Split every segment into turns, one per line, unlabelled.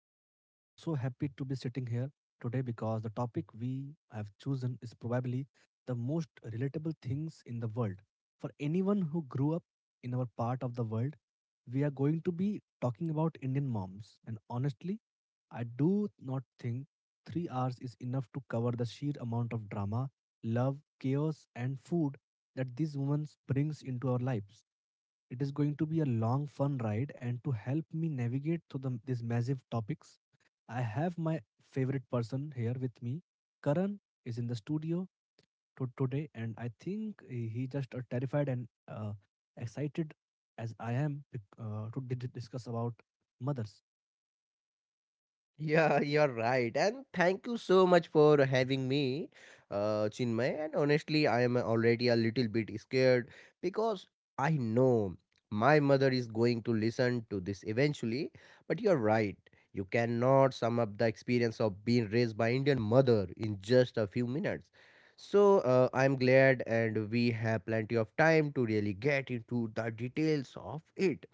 everyone. I'm so happy to be sitting here today because the topic we have chosen is probably the most relatable things in the world. For anyone who grew up in our part of the world, we are going to be talking about Indian moms. And honestly, I do not think 3 hours is enough to cover the sheer amount of drama, love, chaos, and food that this woman brings into our lives. It is going to be a long, fun ride, and to help me navigate through these massive topics, I have my favorite person here with me. Karan is in the studio to today, and I think he just terrified and excited as I am to discuss about mothers.
Yeah, you're right. And thank you so much for having me, Chinmay. And honestly, I am already a little bit scared because I know my mother is going to listen to this eventually. But you're right. You cannot sum up the experience of being raised by Indian mother in just a few minutes. So I'm glad, and we have plenty of time to really get into the details of it.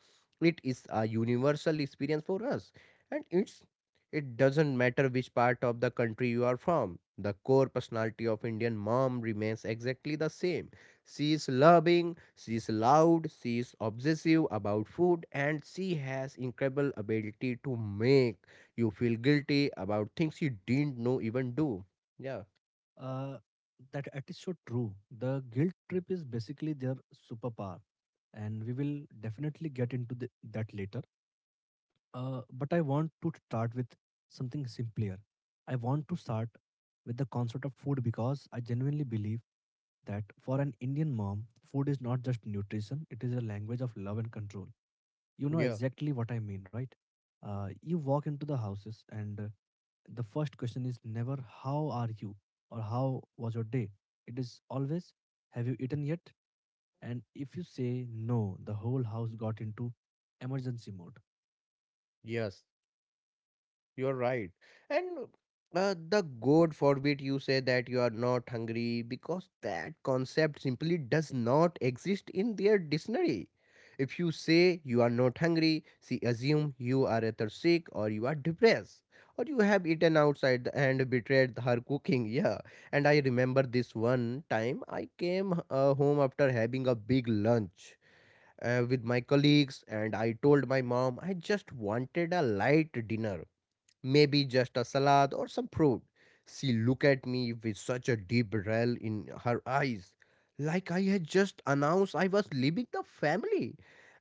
It is a universal experience for us and it doesn't matter which part of the country you are from. The core personality of Indian mom remains exactly the same. She is loving, she is loud, she is obsessive about food, and she has incredible ability to make you feel guilty about things you didn't know even do. Yeah,
Uh, that it is so true. The guilt trip is basically their superpower, and we will definitely get into that later. But I want to start with something simpler. I want to start with the concept of food because I genuinely believe that for an Indian mom, food is not just nutrition, it is a language of love and control. You know
yeah,
exactly what I mean, right? You walk into the houses, and the first question is never, how are you? Or how was your day? It is always, have you eaten yet? And if you say no, the whole house got into emergency mode.
yes. You're right. And the God forbid you say that you are not hungry because that concept simply does not exist in their dictionary. If you say you are not hungry, she assume you are either sick or you are depressed or you have eaten outside and betrayed her cooking. Yeah. And I remember this one time I came home after having a big lunch with my colleagues and I told my mom I just wanted a light dinner maybe just a salad or some fruit. She looked at me with such a deep well in her eyes, like I had just announced I was leaving the family.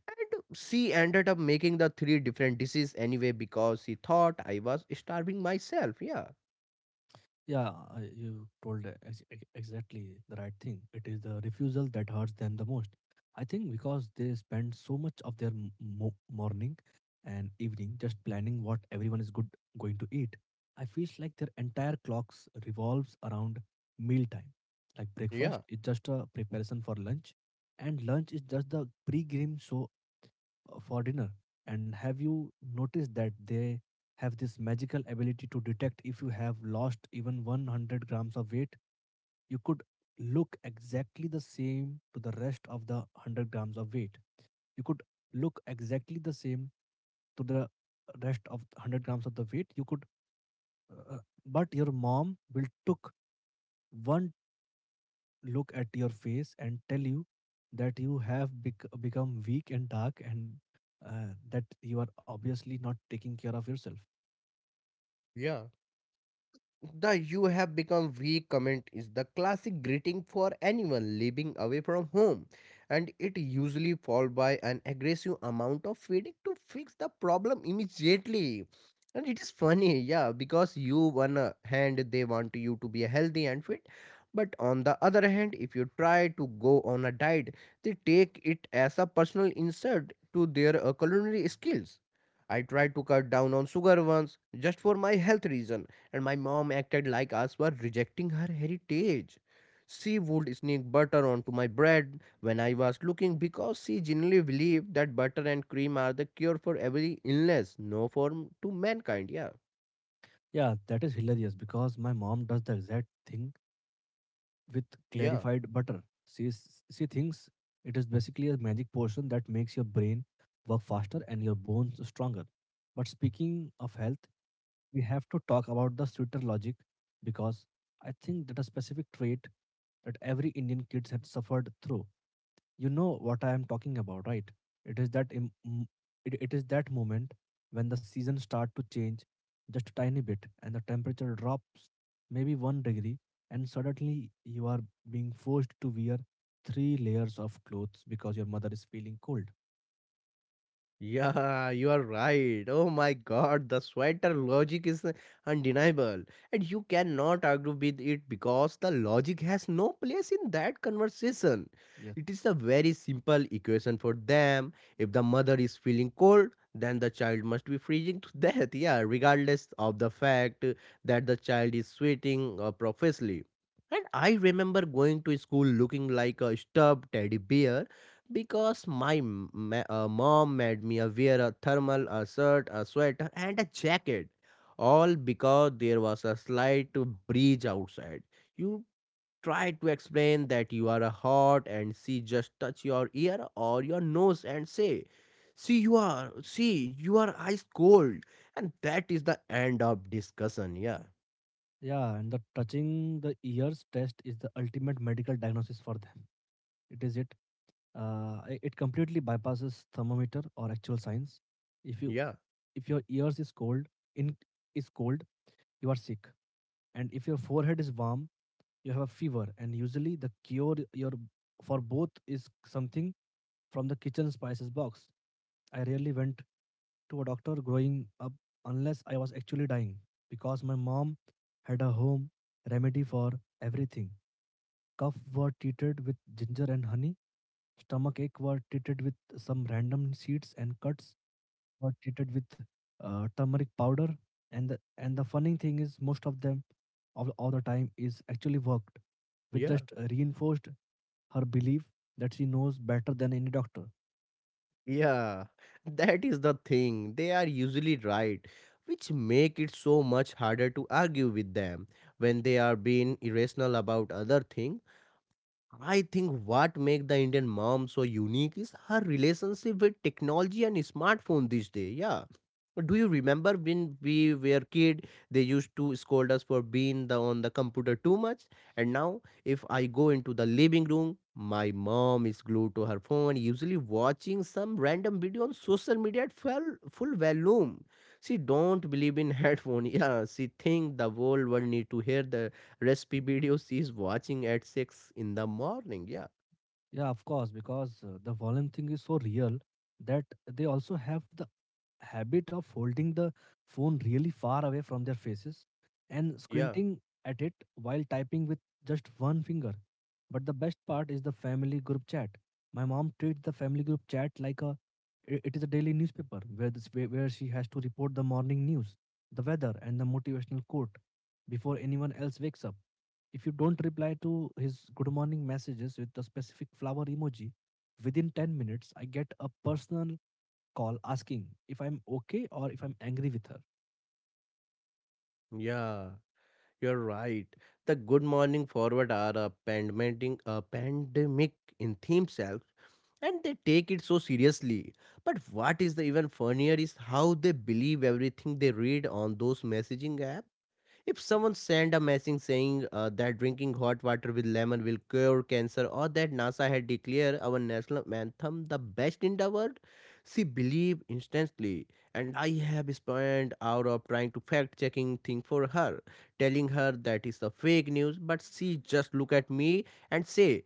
And she ended up making the three different dishes anyway because she thought I was starving myself. Yeah,
Yeah, you told exactly the right thing. It is the refusal that hurts them the most. I think because they spend so much of their morning and evening just planning what everyone is good going to eat. I feel like their entire clocks revolves around mealtime. Like breakfast
yeah,
is just a preparation for lunch, and lunch is just the pre-game show for dinner. And have you noticed that they have this magical ability to detect if you have lost even 100 grams of weight? You could look exactly the same to the rest of the 100 grams of weight. You could look exactly the same to the rest of 100 grams of the weight. You could, uh, uh, but your mom will took one look at your face and tell you that you have become weak and dark and that you are obviously not taking care of yourself.
yeah. The you have become weak comment is the classic greeting for anyone living away from home, and it usually followed by an aggressive amount of feeding to fix the problem immediately. And it is funny, yeah, because you one hand they want you to be healthy and fit, but on the other hand, if you try to go on a diet, they take it as a personal insult to their culinary skills. I tried to cut down on sugar once just for my health reason and my mom acted like us were rejecting her heritage. She would sneak butter onto my bread when I was looking because she genuinely believed that butter and cream are the cure for every illness, no form to mankind. Yeah,
Yeah, that is hilarious because my mom does the exact thing with
yeah.
clarified butter. She thinks it is basically a magic potion that makes your brain work faster and your bones stronger. But speaking of health, we have to talk about the sweeter logic because I think that a specific trait that every Indian kids have suffered through. You know what I am talking about, right? It is that it is that moment when the seasons start to change just a tiny bit and the temperature drops maybe 1 degree and suddenly you are being forced to wear three layers of clothes because your mother is feeling cold.
Yeah, you are right. Oh my god, the sweater logic is undeniable, and you cannot argue with it because the logic has no place in that conversation.
Yes.
It is a very simple equation for them. If the mother is feeling cold, then the child must be freezing to death, yeah, regardless of the fact that the child is sweating profusely. And I remember going to school looking like a stuffed teddy bear because my mom made me wear a thermal, a shirt, a sweater, and a jacket, all because there was a slight breeze outside. You try to explain that you are hot, and she just touch your ear or your nose and say, see, you are ice cold," and that is the end of discussion. Yeah,
Yeah, and the touching the ears test is the ultimate medical diagnosis for them. It is it. It completely bypasses thermometer or actual science. If you
yeah,
if your ears is cold in is cold, you are sick, and if your forehead is warm, you have a fever, and usually the cure your for both is something from the kitchen spices box. I rarely went to a doctor growing up unless I was actually dying because my mom had a home remedy for everything. Cough were treated with ginger and honey, stomach ache were treated with some random seeds, and cuts got treated with turmeric powder. And the funny thing is most of them all the time is actually worked, which
yeah.
just reinforced her belief that she knows better than any doctor.
Yeah, that is the thing. They are usually right, which make it so much harder to argue with them when they are being irrational about other things. I think what make the Indian mom so unique is her relationship with technology and smartphone these days. Yeah. Do you remember when we were kid, they used to scold us for being on the computer too much? And now, if I go into the living room, my mom is glued to her phone, usually watching some random video on social media at full volume. She don't believe in headphone. Yeah, she think the whole world need to hear the recipe videos she's watching at 6 in the morning. Yeah.
Yeah, of course, because the volume thing is so real that they also have the habit of holding the phone really far away from their faces and
Yeah,
squinting at it while typing with just one finger. But the best part is the family group chat. My mom treats the family group chat like a it is a daily newspaper where this where she has to report the morning news, the weather, and the motivational quote before anyone else wakes up. If you don't reply to his good morning messages with the specific flower emoji within 10 minutes, I get a personal call asking if I'm okay or if I'm angry with her.
yeah, you're right. The good morning forward are a pandemic in themselves and they take it so seriously. But what is the even funnier is how they believe everything they read on those messaging apps. If someone sent a message saying that drinking hot water with lemon will cure cancer or that NASA had declared our national anthem the best in the world, she believed instantly. And I have spent hours of trying to fact checking thing for her, telling her that is a fake news, but she just look at me and say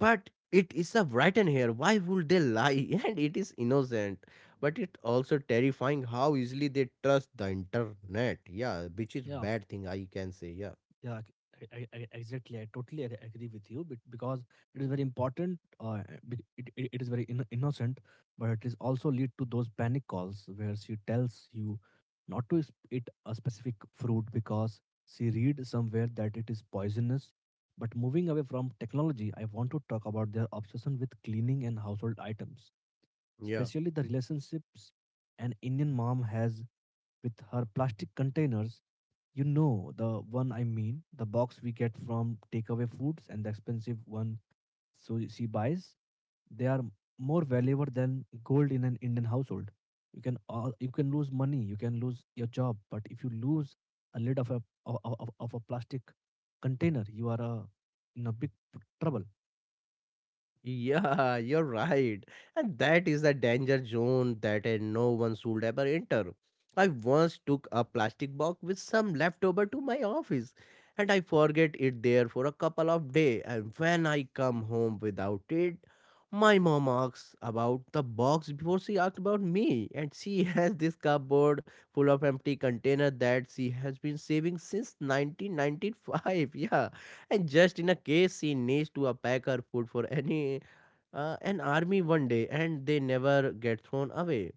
but it is a written here. Why would they lie? And it is innocent. But it also terrifying how easily they trust the internet. Yeah, which is
Yeah, f-
bad thing I can say. Yeah.
yeah, exactly. I totally agree with you, but because it is very important. It is very innocent, but it is also lead to those panic calls where she tells you not to eat a specific fruit because she read somewhere that it is poisonous. But moving away from technology, I want to talk about their obsession with cleaning and household items,
Yeah.
especially the relationships an Indian mom has with her plastic containers. You know the one I mean, the box we get from takeaway foods and the expensive one so she buys. They are more valuable than gold in an Indian household. You can lose money, you can lose your job, but if you lose a lid of of a plastic container, you are a in a big trouble.
Yeah, you're right. And that is the danger zone that no one should ever enter. I once took a plastic box with some leftover to my office and I forget it there for a couple of days and when I come home without it, my mom asks about the box before she asked about me and she has this cupboard full of empty container that she has been saving since 1995. Yeah and just in a case she needs to pack her food for any an army one day and they never get thrown away.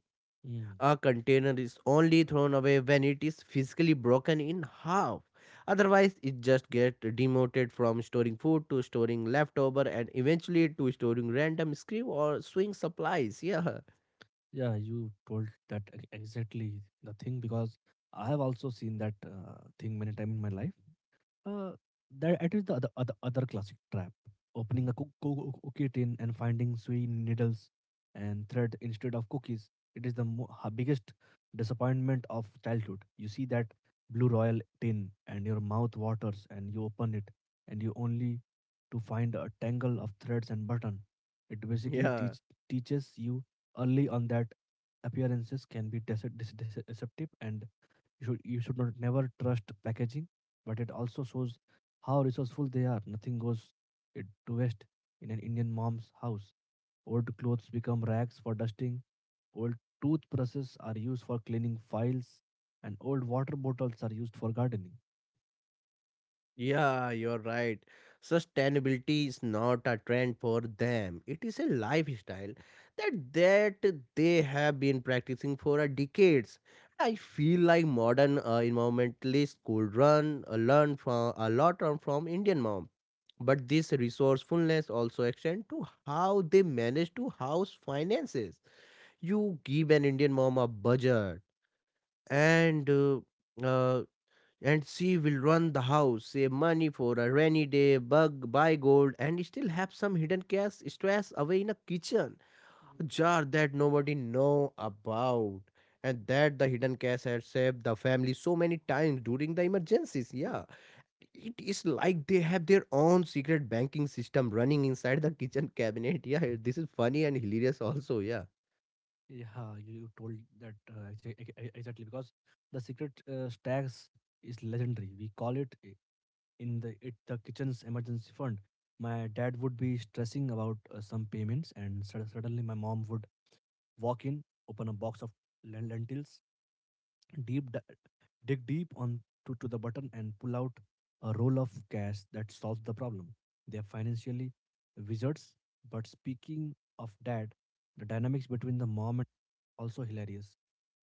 Mm.
A container is only thrown away when it is physically broken in half. Otherwise, it just gets demoted from storing food to storing leftover and eventually to storing random screw or swing supplies. Yeah,
Yeah, you told that exactly the thing because I have also seen that thing many times in my life. Uh, that it is the other classic trap. Opening a cookie tin and finding sweet needles and thread instead of cookies. It is the biggest disappointment of childhood. You see that blue royal tin and your mouth waters and you open it and you only to find a tangle of threads and button. It basically
yeah.
teaches you early on that appearances can be deceptive, and you should not never trust packaging, but it also shows how resourceful they are. Nothing goes it to waste in an Indian mom's house. Old clothes become rags for dusting. Old toothbrushes are used for cleaning files, and old water bottles are used for gardening.
Yeah, you're right. Sustainability is not a trend for them. It is a lifestyle that they have been practicing for a decades. I feel like modern environmentalists could run learn from a lot on from Indian mom. But this resourcefulness also extends to how they manage to house finances. You give an Indian mom a budget and uh, uh, and she will run the house, save money for a rainy day, bug, buy gold, and still have some hidden cash stashed away in a kitchen. A jar that nobody know about. And that the hidden cash has saved the family so many times during the emergencies. Yeah. It is like they have their own secret banking system running inside the kitchen cabinet. Yeah, this is funny and hilarious also, yeah.
Yeah, you told that exactly because the secret stacks is legendary. We call it the kitchen's emergency fund. My dad would be stressing about some payments, and suddenly my mom would walk in, open a box of lentils, deep di- dig deep to the button and pull out a roll of cash that solves the problem. They are financially wizards. But speaking of dad, the dynamics between the mom and also hilarious.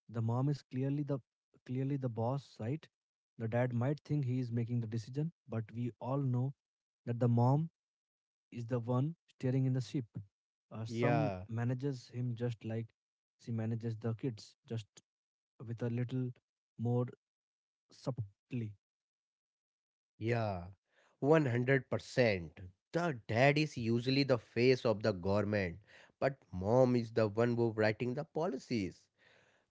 The mom is clearly the boss, right? The dad might think he is making the decision, but we all know that the mom is the one steering in the ship. Some
Yeah.
manages him just like she manages the kids, just with a little more subtly.
Yeah, 100%. The dad is usually the face of the government, but mom is the one who writing the policies.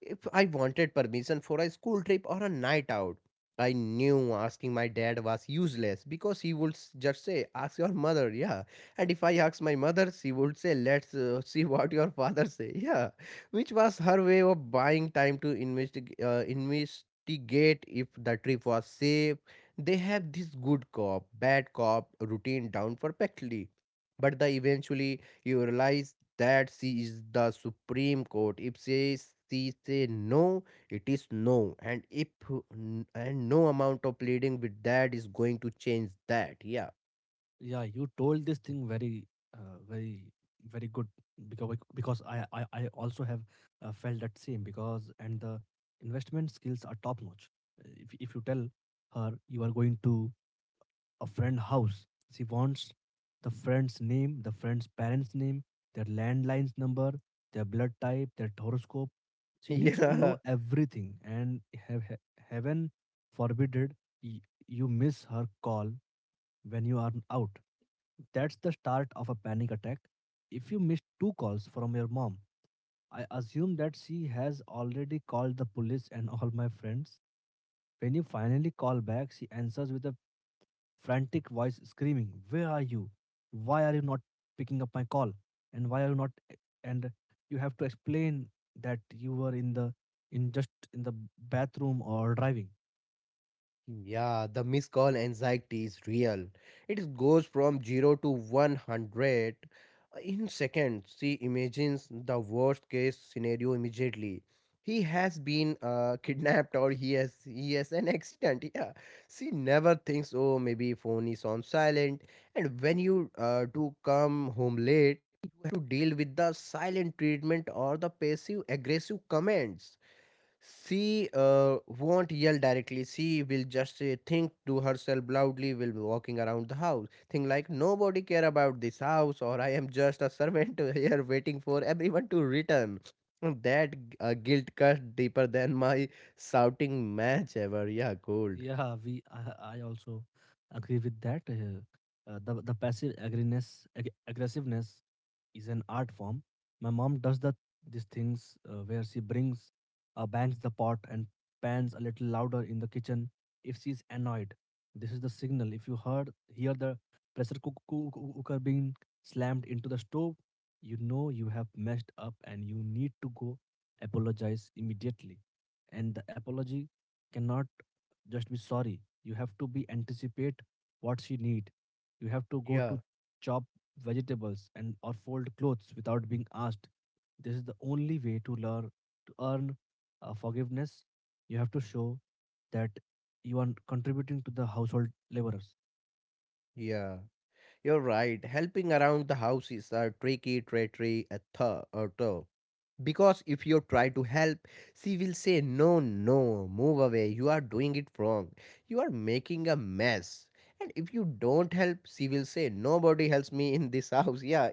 If I wanted permission for a school trip or a night out, I knew asking my dad was useless because he would just say, Ask your mother, yeah. And if I asked my mother, she would say, Let's see what your father say, yeah. Which was her way of buying time to investigate if the trip was safe. They have this good cop, bad cop routine down perfectly. But the eventually you realize that she is the supreme court if she say no it is no and if and no amount of pleading with that is going to change that yeah
Yeah, you told this thing uh, very, very good because I also have felt that same because and the investment skills are top notch. If you tell her you are going to a friend house. She wants the friend's name, the friend's parents' name, their landline's number, their blood type, their horoscope. She needs to know
Yeah,
everything. And have, heaven forbid it, you miss her call when you are out. That's the start of a panic attack. If you miss two calls from your mom, I assume that she has already called the police and all my friends. When you finally call back, she answers with a frantic voice screaming, where are you? Why are you not picking up my call? And why are you not? And you have to explain that you were in the in just in the bathroom or driving.
yeah, the missed call anxiety is real. It goes from 0 to 100 in seconds. She imagines the worst case scenario immediately. He has been kidnapped or he has an accident. Yeah, she never thinks. Oh, maybe phone is on silent. And when you do come home late, you have to deal with the silent treatment or the passive aggressive comments. She won't yell directly. She will just think to herself loudly while walking around the house. Think like nobody care about this house, or I am just a servant here waiting for everyone to return. And that guilt cut deeper than my shouting match ever. Yeah, cold.
Yeah, I also agree with that. The passive aggressiveness is an art form. My mom does these things where she brings bangs the pot and pans a little louder in the kitchen if she's annoyed. This is the signal. If you hear the pressure cooker being slammed into the stove, you know you have messed up and you need to go apologize immediately. And the apology cannot just be sorry, you have to be anticipate what she need. You have to go to
Yeah,
chop vegetables and or fold clothes without being asked. This is the only way to learn to earn forgiveness. You have to show that you are contributing to the household laborers.
yeah. You're right. Helping around the house is a tricky, treachery, a thought. Because if you try to help, she will say, No, no, move away. You are doing it wrong. You are making a mess. And if you don't help, she will say, Nobody helps me in this house. Yeah,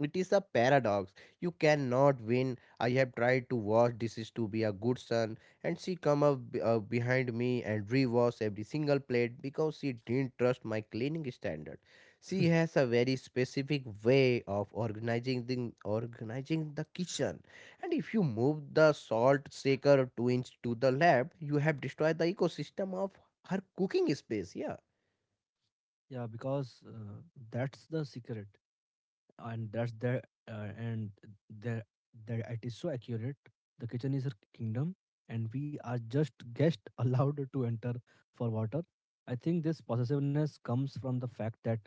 it is a paradox. You cannot win. I have tried to wash dishes to be a good son, and she come up behind me and rewash every single plate because she didn't trust my cleaning standard. She has a very specific way of organizing the kitchen and if you move the salt shaker 2 inch to the left, you have destroyed the ecosystem of her cooking space. Yeah,
Yeah, because that's the secret, and that's there, and there, that it is so accurate. The kitchen is her kingdom, and we are just guests allowed to enter for water. I think this possessiveness comes from the fact that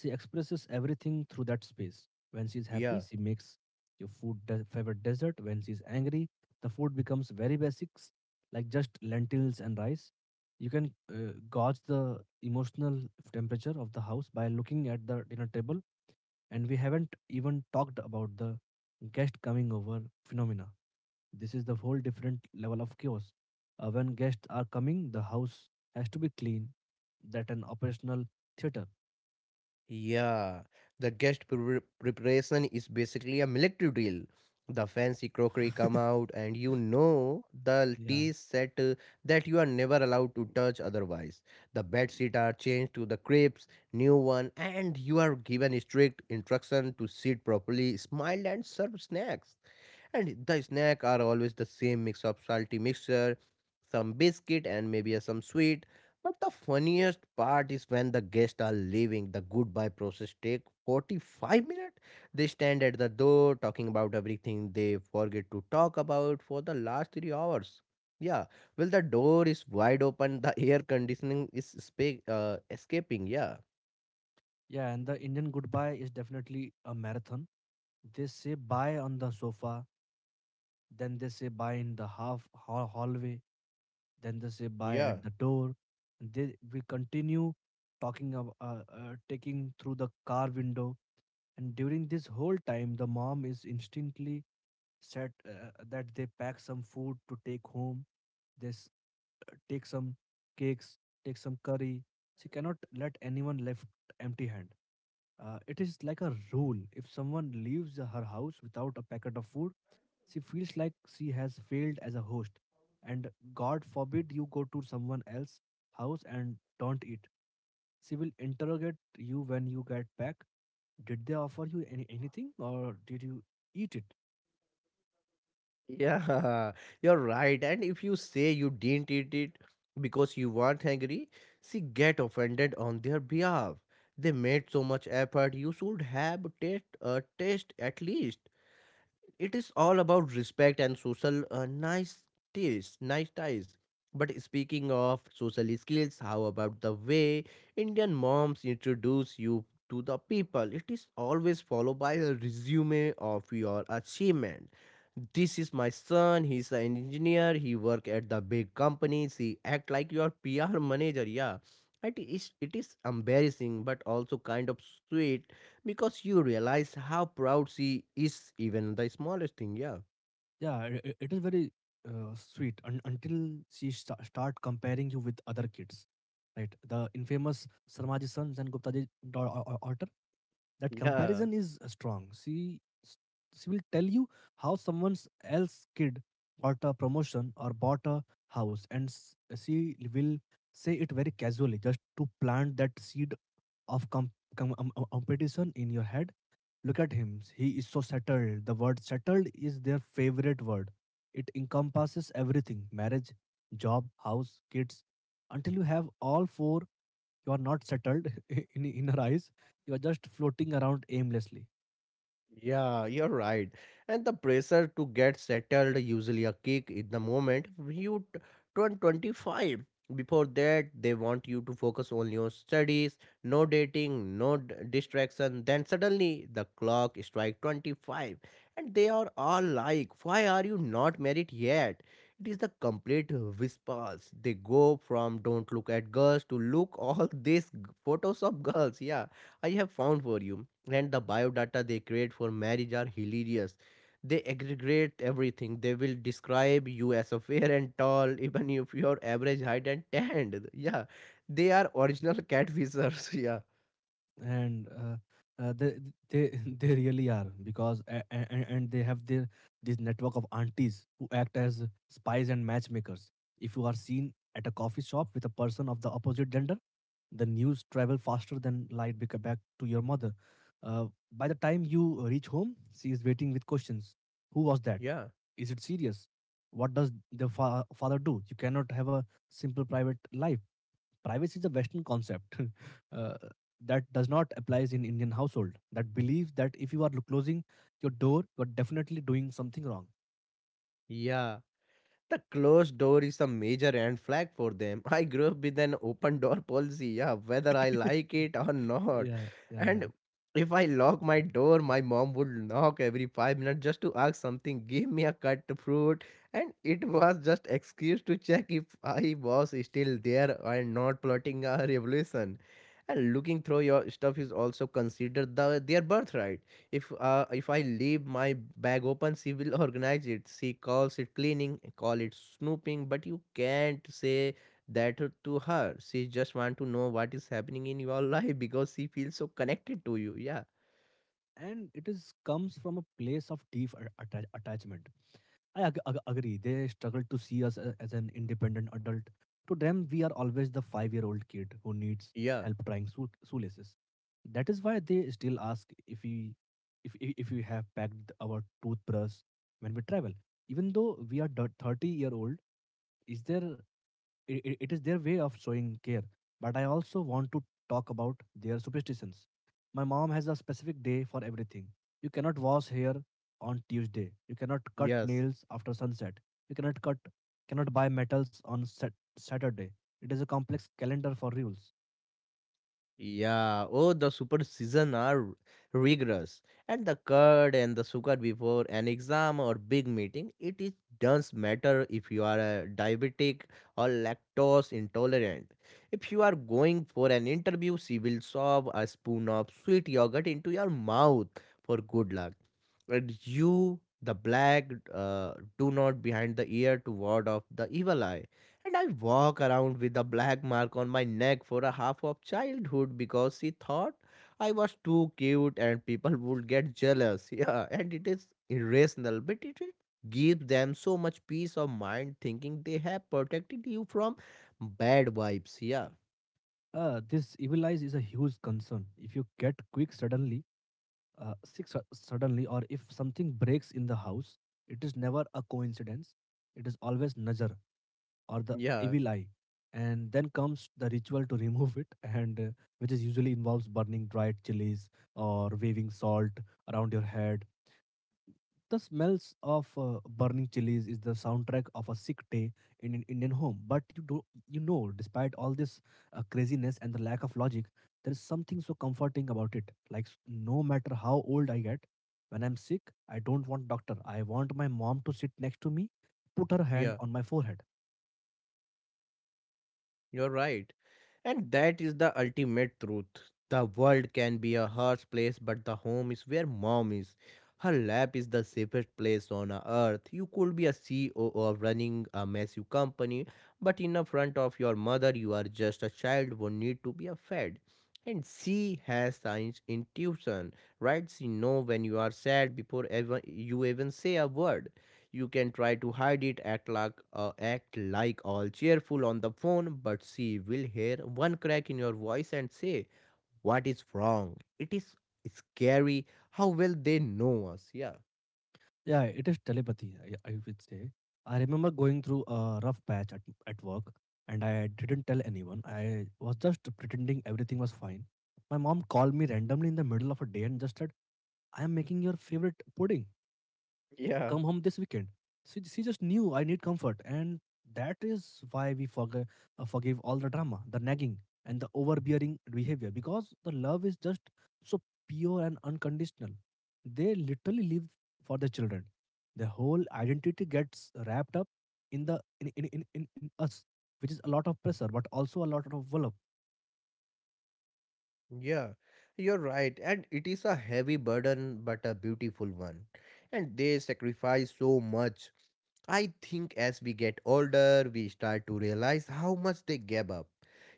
she expresses everything through that space. When she's happy,
yeah,
she makes your favorite dessert. When she's angry, the food becomes very basics, like just lentils and rice. You can gauge the emotional temperature of the house by looking at the dinner table. And we haven't even talked about the guest coming over phenomena. This is the whole different level of chaos. When guests are coming, the house has to be clean, that an operational theater.
yeah. The preparation is basically a military drill. The fancy crockery come out, and you know the
Yeah,
tea set that you are never allowed to touch otherwise. The bed sheet are changed to the crepes, new one, and you are given strict instruction to sit properly, smile, and serve snacks. And the snack are always the same mix of salty mixture, some biscuit and maybe some sweet. But the funniest part is when the guests are leaving, the goodbye process take 45 minutes. They stand at the door talking about everything they forget to talk about for the last 3 hours. Yeah, well the door is wide open, the air conditioning is escaping. Yeah.
yeah, and the Indian goodbye is definitely a marathon. They say bye on the sofa, then they say bye in the hallway, then they say bye at
Yeah.
the door, and they we continue talking of taking through the car window. And during this whole time, the mom is instantly set that they pack some food to take home. They s- Take some cakes, take some curry. She cannot let anyone left empty hand. It is like a rule. If someone leaves her house without a packet of food, she feels like she has failed as a host. And God forbid you go to someone else's house and don't eat. She will interrogate you when you get back. Did they offer you anything, or did you eat it?
Yeah, you're right. And if you say you didn't eat it because you weren't hungry, she get offended on their behalf. They made so much effort. You should have taste at least. It is all about respect and social nice ties, nice ties. But speaking of social skills, how about the way Indian moms introduce you to the people? It is always followed by a resume of your achievement. This is my son. He's an engineer. He work at the big companies. He act like your PR manager. Yeah, it is embarrassing, but also kind of sweet because you realize how proud she is, even the smallest thing. Yeah.
Yeah, it is very sweet until she start comparing you with other kids, right? The infamous Sarmaji sons and Guptaji daughter. That
Yeah.
comparison is strong. S- she will tell you how someone else kid got a promotion or bought a house, and she will say it very casually just to plant that seed of competition in your head. Look at him. He is so settled. The word settled is their favorite word. It encompasses everything, marriage, job, house, kids. Until you have all four, you are not settled in her eyes. You are just floating around aimlessly.
Yeah, you're right. And the pressure to get settled, usually a kick in the moment, when you turn 25. Before that, they want you to focus only on studies, no dating, no distraction. Then suddenly the clock strikes 25, and they are all like, why are you not married yet? It is the complete whispers. They go from don't look at girls to look all these photos of girls. Yeah, I have found for you and the biodata they create for marriage are hilarious. They aggregate everything. They will describe you as a fair and tall, even if your average height and tanned. Yeah, they are original catfishers. Yeah,
And uh, they they they really are, because and they have their this network of aunties who act as spies and matchmakers. If you are seen at a coffee shop with a person of the opposite gender, the news travel faster than light back to your mother. Uh, by the time you reach home, she is waiting with questions. Who was that?
yeah,
Is it serious? What does the father do? You cannot have a simple private life. Privacy is a western concept. uh, that does not applies in Indian household that believe that if you are closing your door, you are definitely doing something wrong.
yeah. The closed door is a major red flag for them. I grew up with an open door policy, yeah, whether I like it or not.
Yeah, yeah, yeah,
And if I lock my door, my mom would knock every 5 minutes just to ask something, give me a cut fruit, and it was just excuse to check if I was still there and not plotting a revolution. And looking through your stuff is also considered their birthright. If I leave my bag open, she will organize it. She calls it cleaning, call it snooping, but you can't say that to her. She just want to know what is happening in your life because she feels so connected to you. Yeah,
and it is comes from a place of deep attachment. I agree. They struggle to see us as an independent adult. To them, we are always the 5-year-old kid who needs
yeah,
help trying shoelaces. That is why they still ask if we have packed our toothbrush when we travel. Even though we are 30-year-old, is there? It is their way of showing care. But I also want to talk about their superstitions. My mom has a specific day for everything. You cannot wash hair on Tuesday. You cannot cut
yes.
nails after sunset. You cannot buy metals on Saturday. It is a complex calendar for rules.
Yeah, oh, the super season are rigorous, and the curd and the sugar before an exam or big meeting, it is does matter if you are a diabetic or lactose intolerant. If you are going for an interview, she will shove a spoon of sweet yogurt into your mouth for good luck. And you, the black, do not behind the ear to ward off the evil eye. And I walk around with a black mark on my neck for a half of childhood because she thought I was too cute and people would get jealous. Yeah, and it is irrational, but it gives them so much peace of mind thinking they have protected you from bad vibes. Yeah,
This evil eyes is a huge concern if you get quick suddenly sick suddenly, or if something breaks in the house. It is never a coincidence, it is always nazar, or the
yeah,
evil eye. And then comes the ritual to remove it, and which is usually involves burning dried chilies or waving salt around your head. The smells of burning chilies is the soundtrack of a sick day in an Indian home. But you do, despite all this craziness and the lack of logic, there is something so comforting about it, like, no matter how old I get, when I'm sick, I don't want doctor. I want my mom to sit next to me, put her hand on my forehead.
you're right. And that is the ultimate truth. The world can be a harsh place, but the home is where mom is. Her lap is the safest place on earth. You could be a CEO of running a massive company, but in the front of your mother, you are just a child who need to be a fed. And she has science intuition, right? She know when you are sad before ever you even say a word. You can try to hide it, act like all cheerful on the phone, but she will hear one crack in your voice and say, what is wrong? It is scary how well they know us. Yeah.
Yeah, it is telepathy, I would say. I remember going through a rough patch at work, and I didn't tell anyone. I was just pretending everything was fine. My mom called me randomly in the middle of a day and just said, "I am making your favorite pudding.
Yeah,
Come home this weekend." She just knew I need comfort, and that is why we forgive all the drama, the nagging, and the overbearing behavior, because the love is just so pure and unconditional. They literally live for their children. Their whole identity gets wrapped up in the in us, which is a lot of pressure, but also a lot of love.
yeah, you're right. And it is a heavy burden, but a beautiful one. And they sacrifice so much. I think as we get older, we start to realize how much they gave up.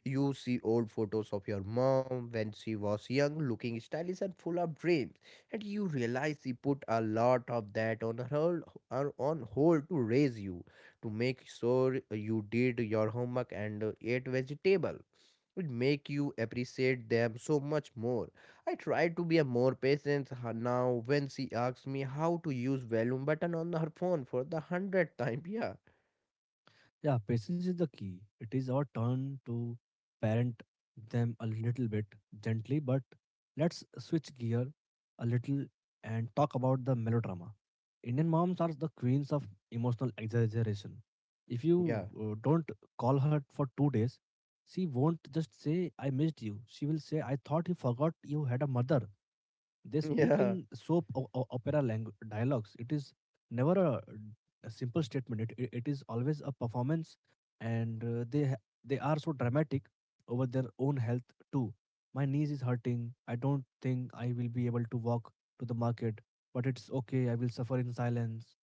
You see old photos of your mom when she was young, looking stylish and full of dreams, and you realize she put a lot of that on her or on hold to raise you, to make sure you did your homework and ate vegetable. It make you appreciate them so much more. I try to be a more now when she asks me how to use volume button on her phone for the 100th time. Yeah,
Yeah, patience is the key. It is our turn to parent them a little bit gently, but let's switch gear a little and talk about the melodrama. Indian moms are the queens of emotional exaggeration. If
yeah,
you don't call her for 2 days, she won't just say, "I missed you." She will say, "I thought you forgot you had a mother." They speak
yeah.
in soap opera dialogues. It is never a simple statement. It is always a performance, and they are so dramatic over their own health too. My knees is hurting. I don't think I will be able to walk to the market, but it's okay. I will suffer in silence.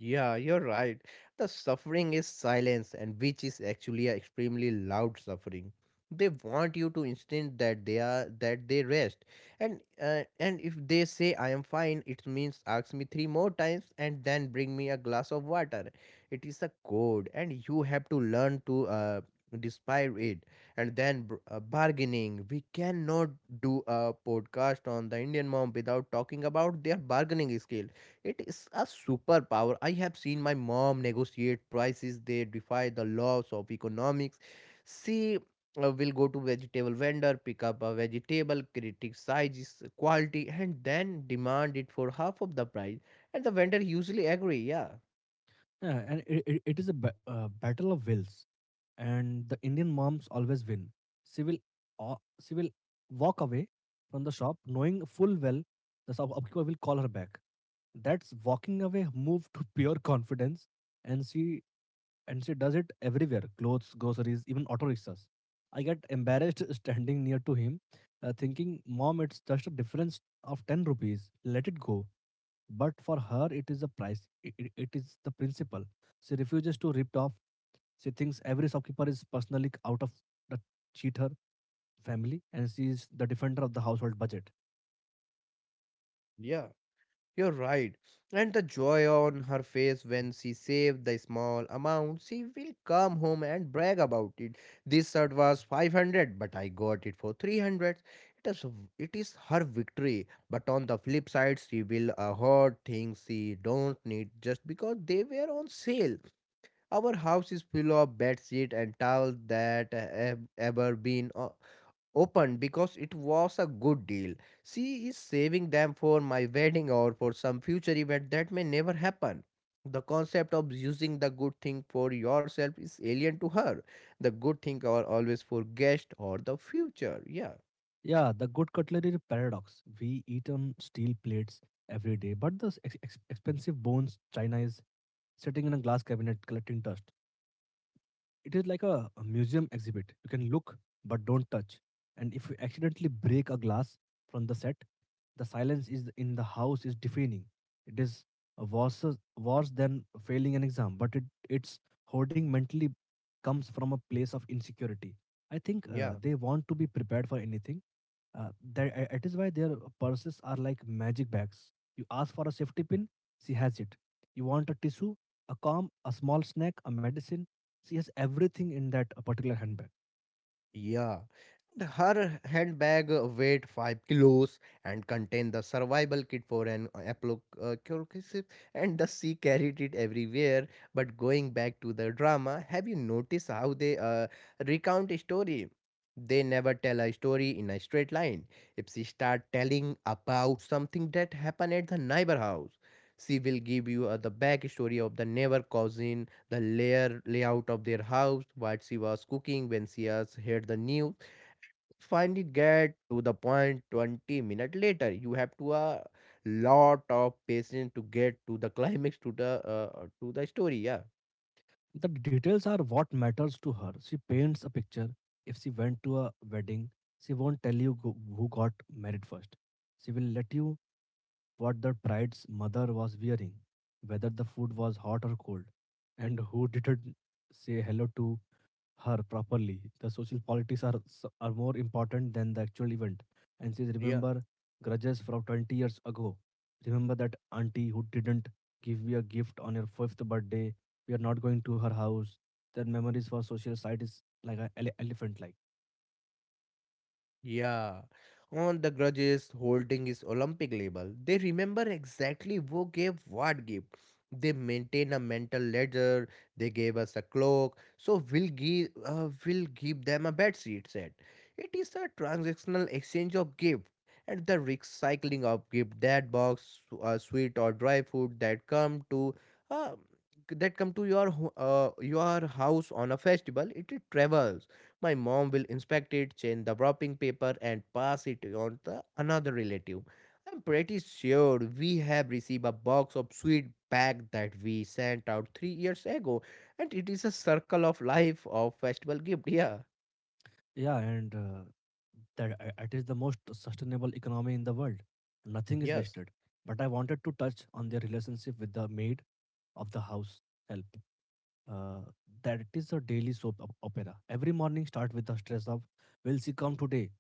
Yeah, you're right. The suffering is silence, and which is actually a extremely loud suffering. They want you to insist that they are that they rest, and and if they say I am fine, it means ask me three more times and then bring me a glass of water. It is a code, and you have to learn to despise it. And then bargaining. We cannot do a podcast on the Indian mom without talking about their bargaining skill it is a superpower. I have seen my mom negotiate prices. They defy the laws of economics. She will go to vegetable vendor, pick up a vegetable, criticize its quality, and then demand it for half of the price. And the vendor usually agree. Yeah,
Yeah, and it is a battle of wills. And the Indian moms always win. She will, uh, she will walk away from the shop, knowing full well the shopkeeper will call her back. That's walking away move to pure confidence, and she and she does it everywhere: clothes, groceries, even auto rickshaws. I get embarrassed standing near to him, thinking, "Mom, it's just a difference of 10 rupees. Let it go." But for her, it is a price. It is the principle. She refuses to rip off. She thinks every shopkeeper is personally out of the cheater family, and she is the defender of the household budget.
yeah. You're right. And the joy on her face when she saved the small amount, she will come home and brag about it. This shirt was 500, but I got it for 300. It is, it is her victory. But on the flip side, she will hoard things she don't need just because they were on sale. Our house is full of bedsheet and towels that have ever been. Opened because it was a good deal. She is saving them for my wedding or for some future event that may never happen. The concept of using the good thing for yourself is alien to her. The good thing are always for guest or the future. Yeah,
Yeah, the good cutlery paradox. We eat on steel plates every day, but the expensive bones china is sitting in a glass cabinet collecting dust. It is like a museum exhibit. You can look, but don't touch. And if you accidentally break a glass from the set, the silence is in the house is deafening. It is uh, worse worse than failing an exam, but it's hoarding mentally comes from a place of insecurity. I think
yeah.
they want to be prepared for anything. Uh, that It is why their purses are like magic bags. You ask for a safety pin, she has it. You want a tissue, a comb, a small snack, a medicine. She has everything in that particular handbag.
Yeah. And her handbag weighed 5 kilos and contained the survival kit for an apocalypse, and the she carried it everywhere. But going back to the drama, have you noticed how they recount a story? They never tell a story in a straight line. If she start telling about something that happened at the neighbor house, she will give you the backstory of the neighbor cousin the layer layout of their house, what she was cooking when she has heard the news. Finally, get to the point 20 minutes later. You have to a lot of patience to get to the climax to the story. Yeah.
The details are what matters to her. She paints a picture. If she went to a wedding, she won't tell you who got married first. She will let you what the bride's mother was wearing, whether the food was hot or cold, and who didn't say hello to her properly. The social politics are more important than the actual event. And says,
Yeah,
remember grudges from 20 years ago. Remember that auntie who didn't give you a gift on your fifth birthday. We are not going to her house. Their memories for social side is like an elephant like.
yeah, on the grudges holding his Olympic label, they remember exactly who gave what gift. They maintain a mental ledger. They gave us a clock, so we'll give them a bed sheet set. It is a transactional exchange of gift and the recycling of gift that box, sweet or dry food uh, that come to your your house on a festival. It travels my mom will inspect it, change the wrapping paper, and pass it on to another relative. I'm pretty sure we have received a box of sweet bag that we sent out 3 years ago, and it is a circle of life of festival gift. Yeah,
Yeah, and that it is the most sustainable economy in the world. Nothing is
yes,
wasted. But I wanted to touch on their relationship with the maid of the house help. Uh, that is a daily soap opera. Every morning start with the stress of, will she come today?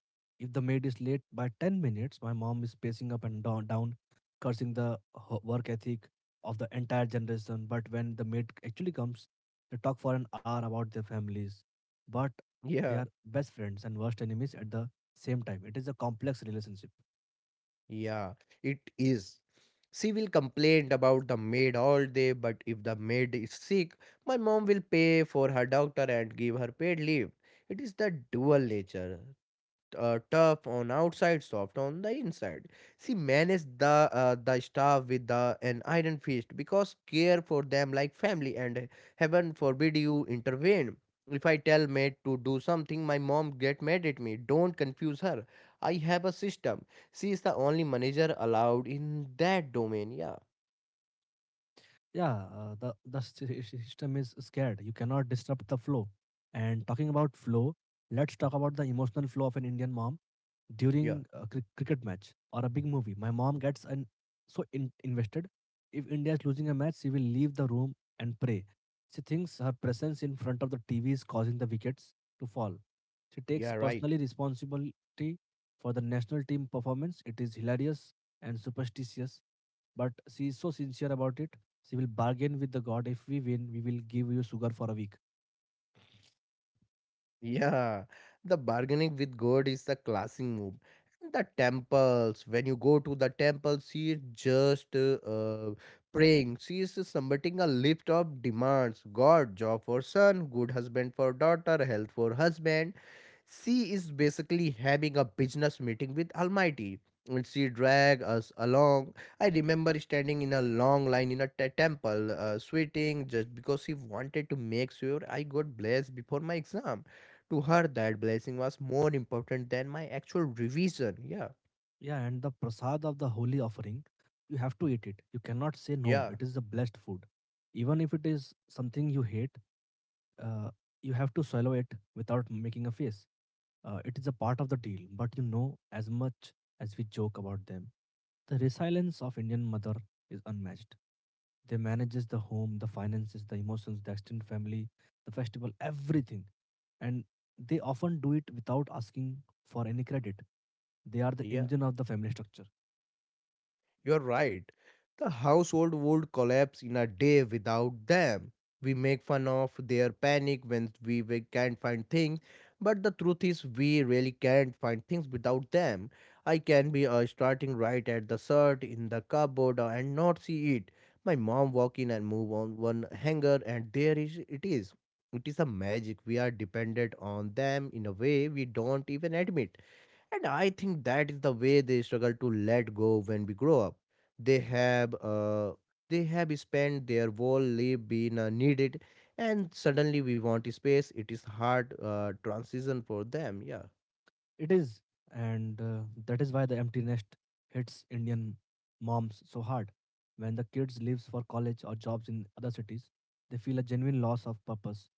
If the maid is late by 10 minutes, my mom is pacing up and down cursing the work ethic of the entire generation. But when the maid actually comes, they talk for an hour about their families. But they are
yeah,
best friends and worst enemies at the same time. It is a complex relationship.
yeah, it is. She will complain about the maid all day, but if the maid is sick, my mom will pay for her doctor and give her paid leave. It is the dual nature. Uh, tough on outside, soft on the inside. She managed the staff with an iron fist because care for them like family, and heaven forbid you intervene. If I tell maid to do something, my mom get mad at me. Don't confuse her. I have a system. She is the only manager allowed in that domain. Yeah,
Yeah, the system is scared. You cannot disrupt the flow. And talking about flow, let's talk about the emotional flow of an Indian mom
yeah,
during a cricket match or a big movie. My mom gets an so invested. If India is losing a match, she will leave the room and pray. She thinks her presence in front of the TV is causing the wickets to fall. She takes
yeah, right.
personally responsibility for the national team performance. It is hilarious and superstitious, but she is so sincere about it. She will bargain with the god. If we win, we will give you sugar for a week.
Yeah, the bargaining with God is the classic move. And the temples, when you go to the temple, she is just praying. She is submitting a list of demands: God, job for son, good husband for daughter, health for husband. She is basically having a business meeting with Almighty. And she dragged us along. I remember standing in a long line in a temple, sweating just because she wanted to make sure I got blessed before my exam. To her, that blessing was more important than my actual revision. Yeah,
Yeah, and the prasad of the holy offering, you have to eat it. You cannot say no.
yeah,
It is the blessed food. Even if it is something you hate, uh, you have to swallow it without making a face. It is a part of the deal, but as much as we joke about them, the resilience of Indian mother is unmatched. They manages the home, the finances, the emotions, the extended family, the festival, everything. And they often do it without asking for any credit. They are the
yeah.
engine of the family structure.
You're right. The household would collapse in a day without them. We make fun of their panic when we can't find things, but the truth is, we really can't find things without them. I can be starting right at the shirt in the cupboard and not see it. My mom walk in and move on one hanger, and there is it is. It is a magic. We are dependent on them in a way we don't even admit. And I think that is the way they struggle to let go when we grow up. They have uh, they have spent their whole life being needed, and suddenly we want space. It is hard transition for them. Yeah.
It is, and that is why the empty nest hits Indian moms so hard. When the kids leaves for college or jobs in other cities, they feel a genuine loss of purpose.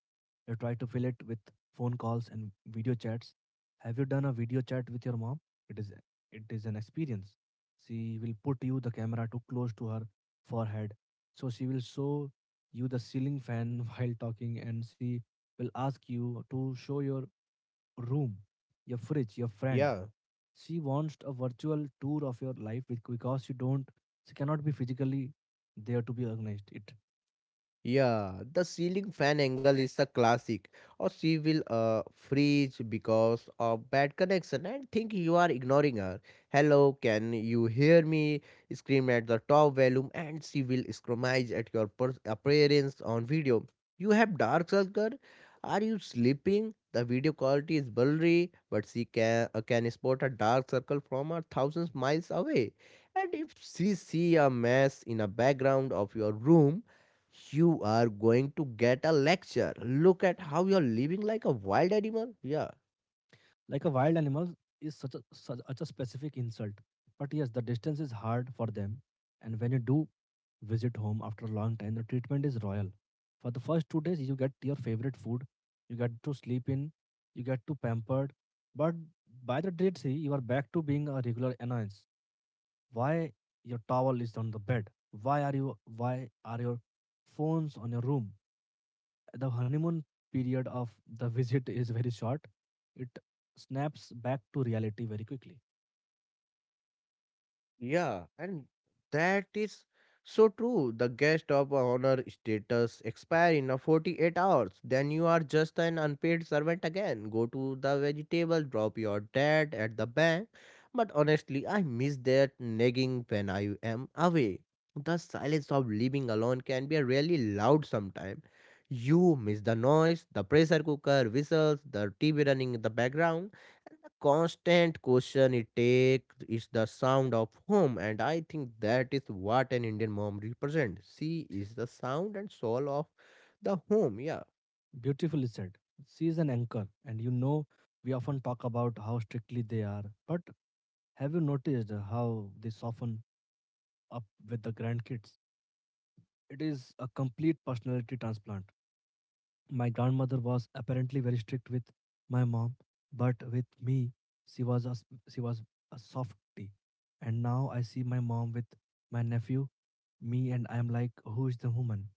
They try to fill it with phone calls and video chats. Have you done a video chat with your mom? It is it is an experience. She will put you the camera too close to her forehead, so she will show you the ceiling fan while talking, and she will ask you to show your room, your fridge, your friend.
Yeah,
She wants a virtual tour of your life because you don't, she cannot be physically there to be organized. It
yeah, the ceiling fan angle is a classic, or she will freeze because of bad connection and think you are ignoring her. Hello, can you hear me? Scream at the top volume, and she will screamize at your appearance on video. You have dark circle. Are you sleeping? The video quality is blurry, but she can spot a dark circle from a thousands miles away. And if she see a mess in a background of your room you are going to get a lecture. Look at how you're living like a wild animal. Yeah.
like a wild animal is such a specific insult. But yes, the distance is hard for them, and when you do visit home after a long time, the treatment is royal. For the first 2 days, you get your favorite food, you get to sleep in, you get to pampered, but by the day three, you are back to being a regular annoyance. Why your towel is on the bed? Why are your phones on your room? The honeymoon period of the visit is very short. It snaps back to reality very quickly.
Yeah, and that is so true. The guest of honor status expire in a 48 hours. Then you are just an unpaid servant again. Go to the vegetable, drop your debt at the bank. But honestly, I miss that nagging when I am away. The silence of living alone can be really loud sometimes. You miss the noise, the pressure cooker whistles, the TV running in the background the constant question it takes is the sound of home, and I think that is what an Indian mom represents. She is the sound and soul of the home. Yeah.
Beautifully said. She is an anchor, and we often talk about how strictly they are. But have you noticed how they soften up with the grandkids? It is a complete personality transplant. My grandmother was apparently very strict with my mom, but with me, she was a softie. And now I see my mom with my nephew, me, and I'm like, who is the woman?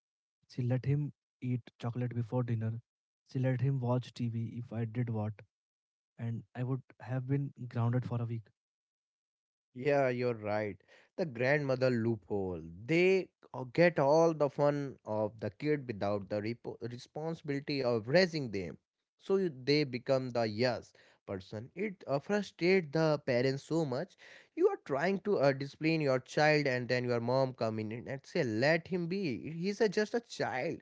She let him eat chocolate before dinner. She let him watch TV if I did what, and I would have been grounded for a week.
Yeah, you're right. The grandmother loophole. They get all the fun of the kid without the responsibility of raising them. So they become the yes person. It frustrates the parents so much. You are trying to discipline your child, and then your mom come in and say, "Let him be. He's a, just a child."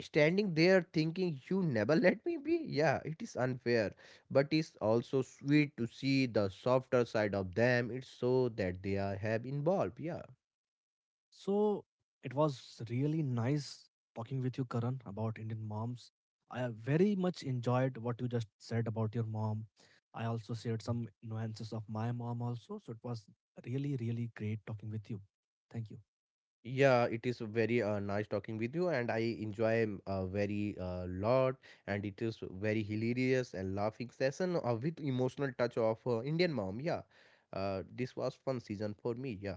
Standing there thinking you never let me be yeah it is unfair but it's also sweet to see the softer side of them it's so that they are have involved yeah
So it was really nice talking with you, Karan, about Indian moms. I very much enjoyed what you just said about your mom. I also shared some nuances of my mom also. So it was really, really great talking with you. Thank you.
yeah it is very nice talking with you and I enjoy very lot and it is very hilarious and laughing session with emotional touch of Indian mom yeah this was fun season for me yeah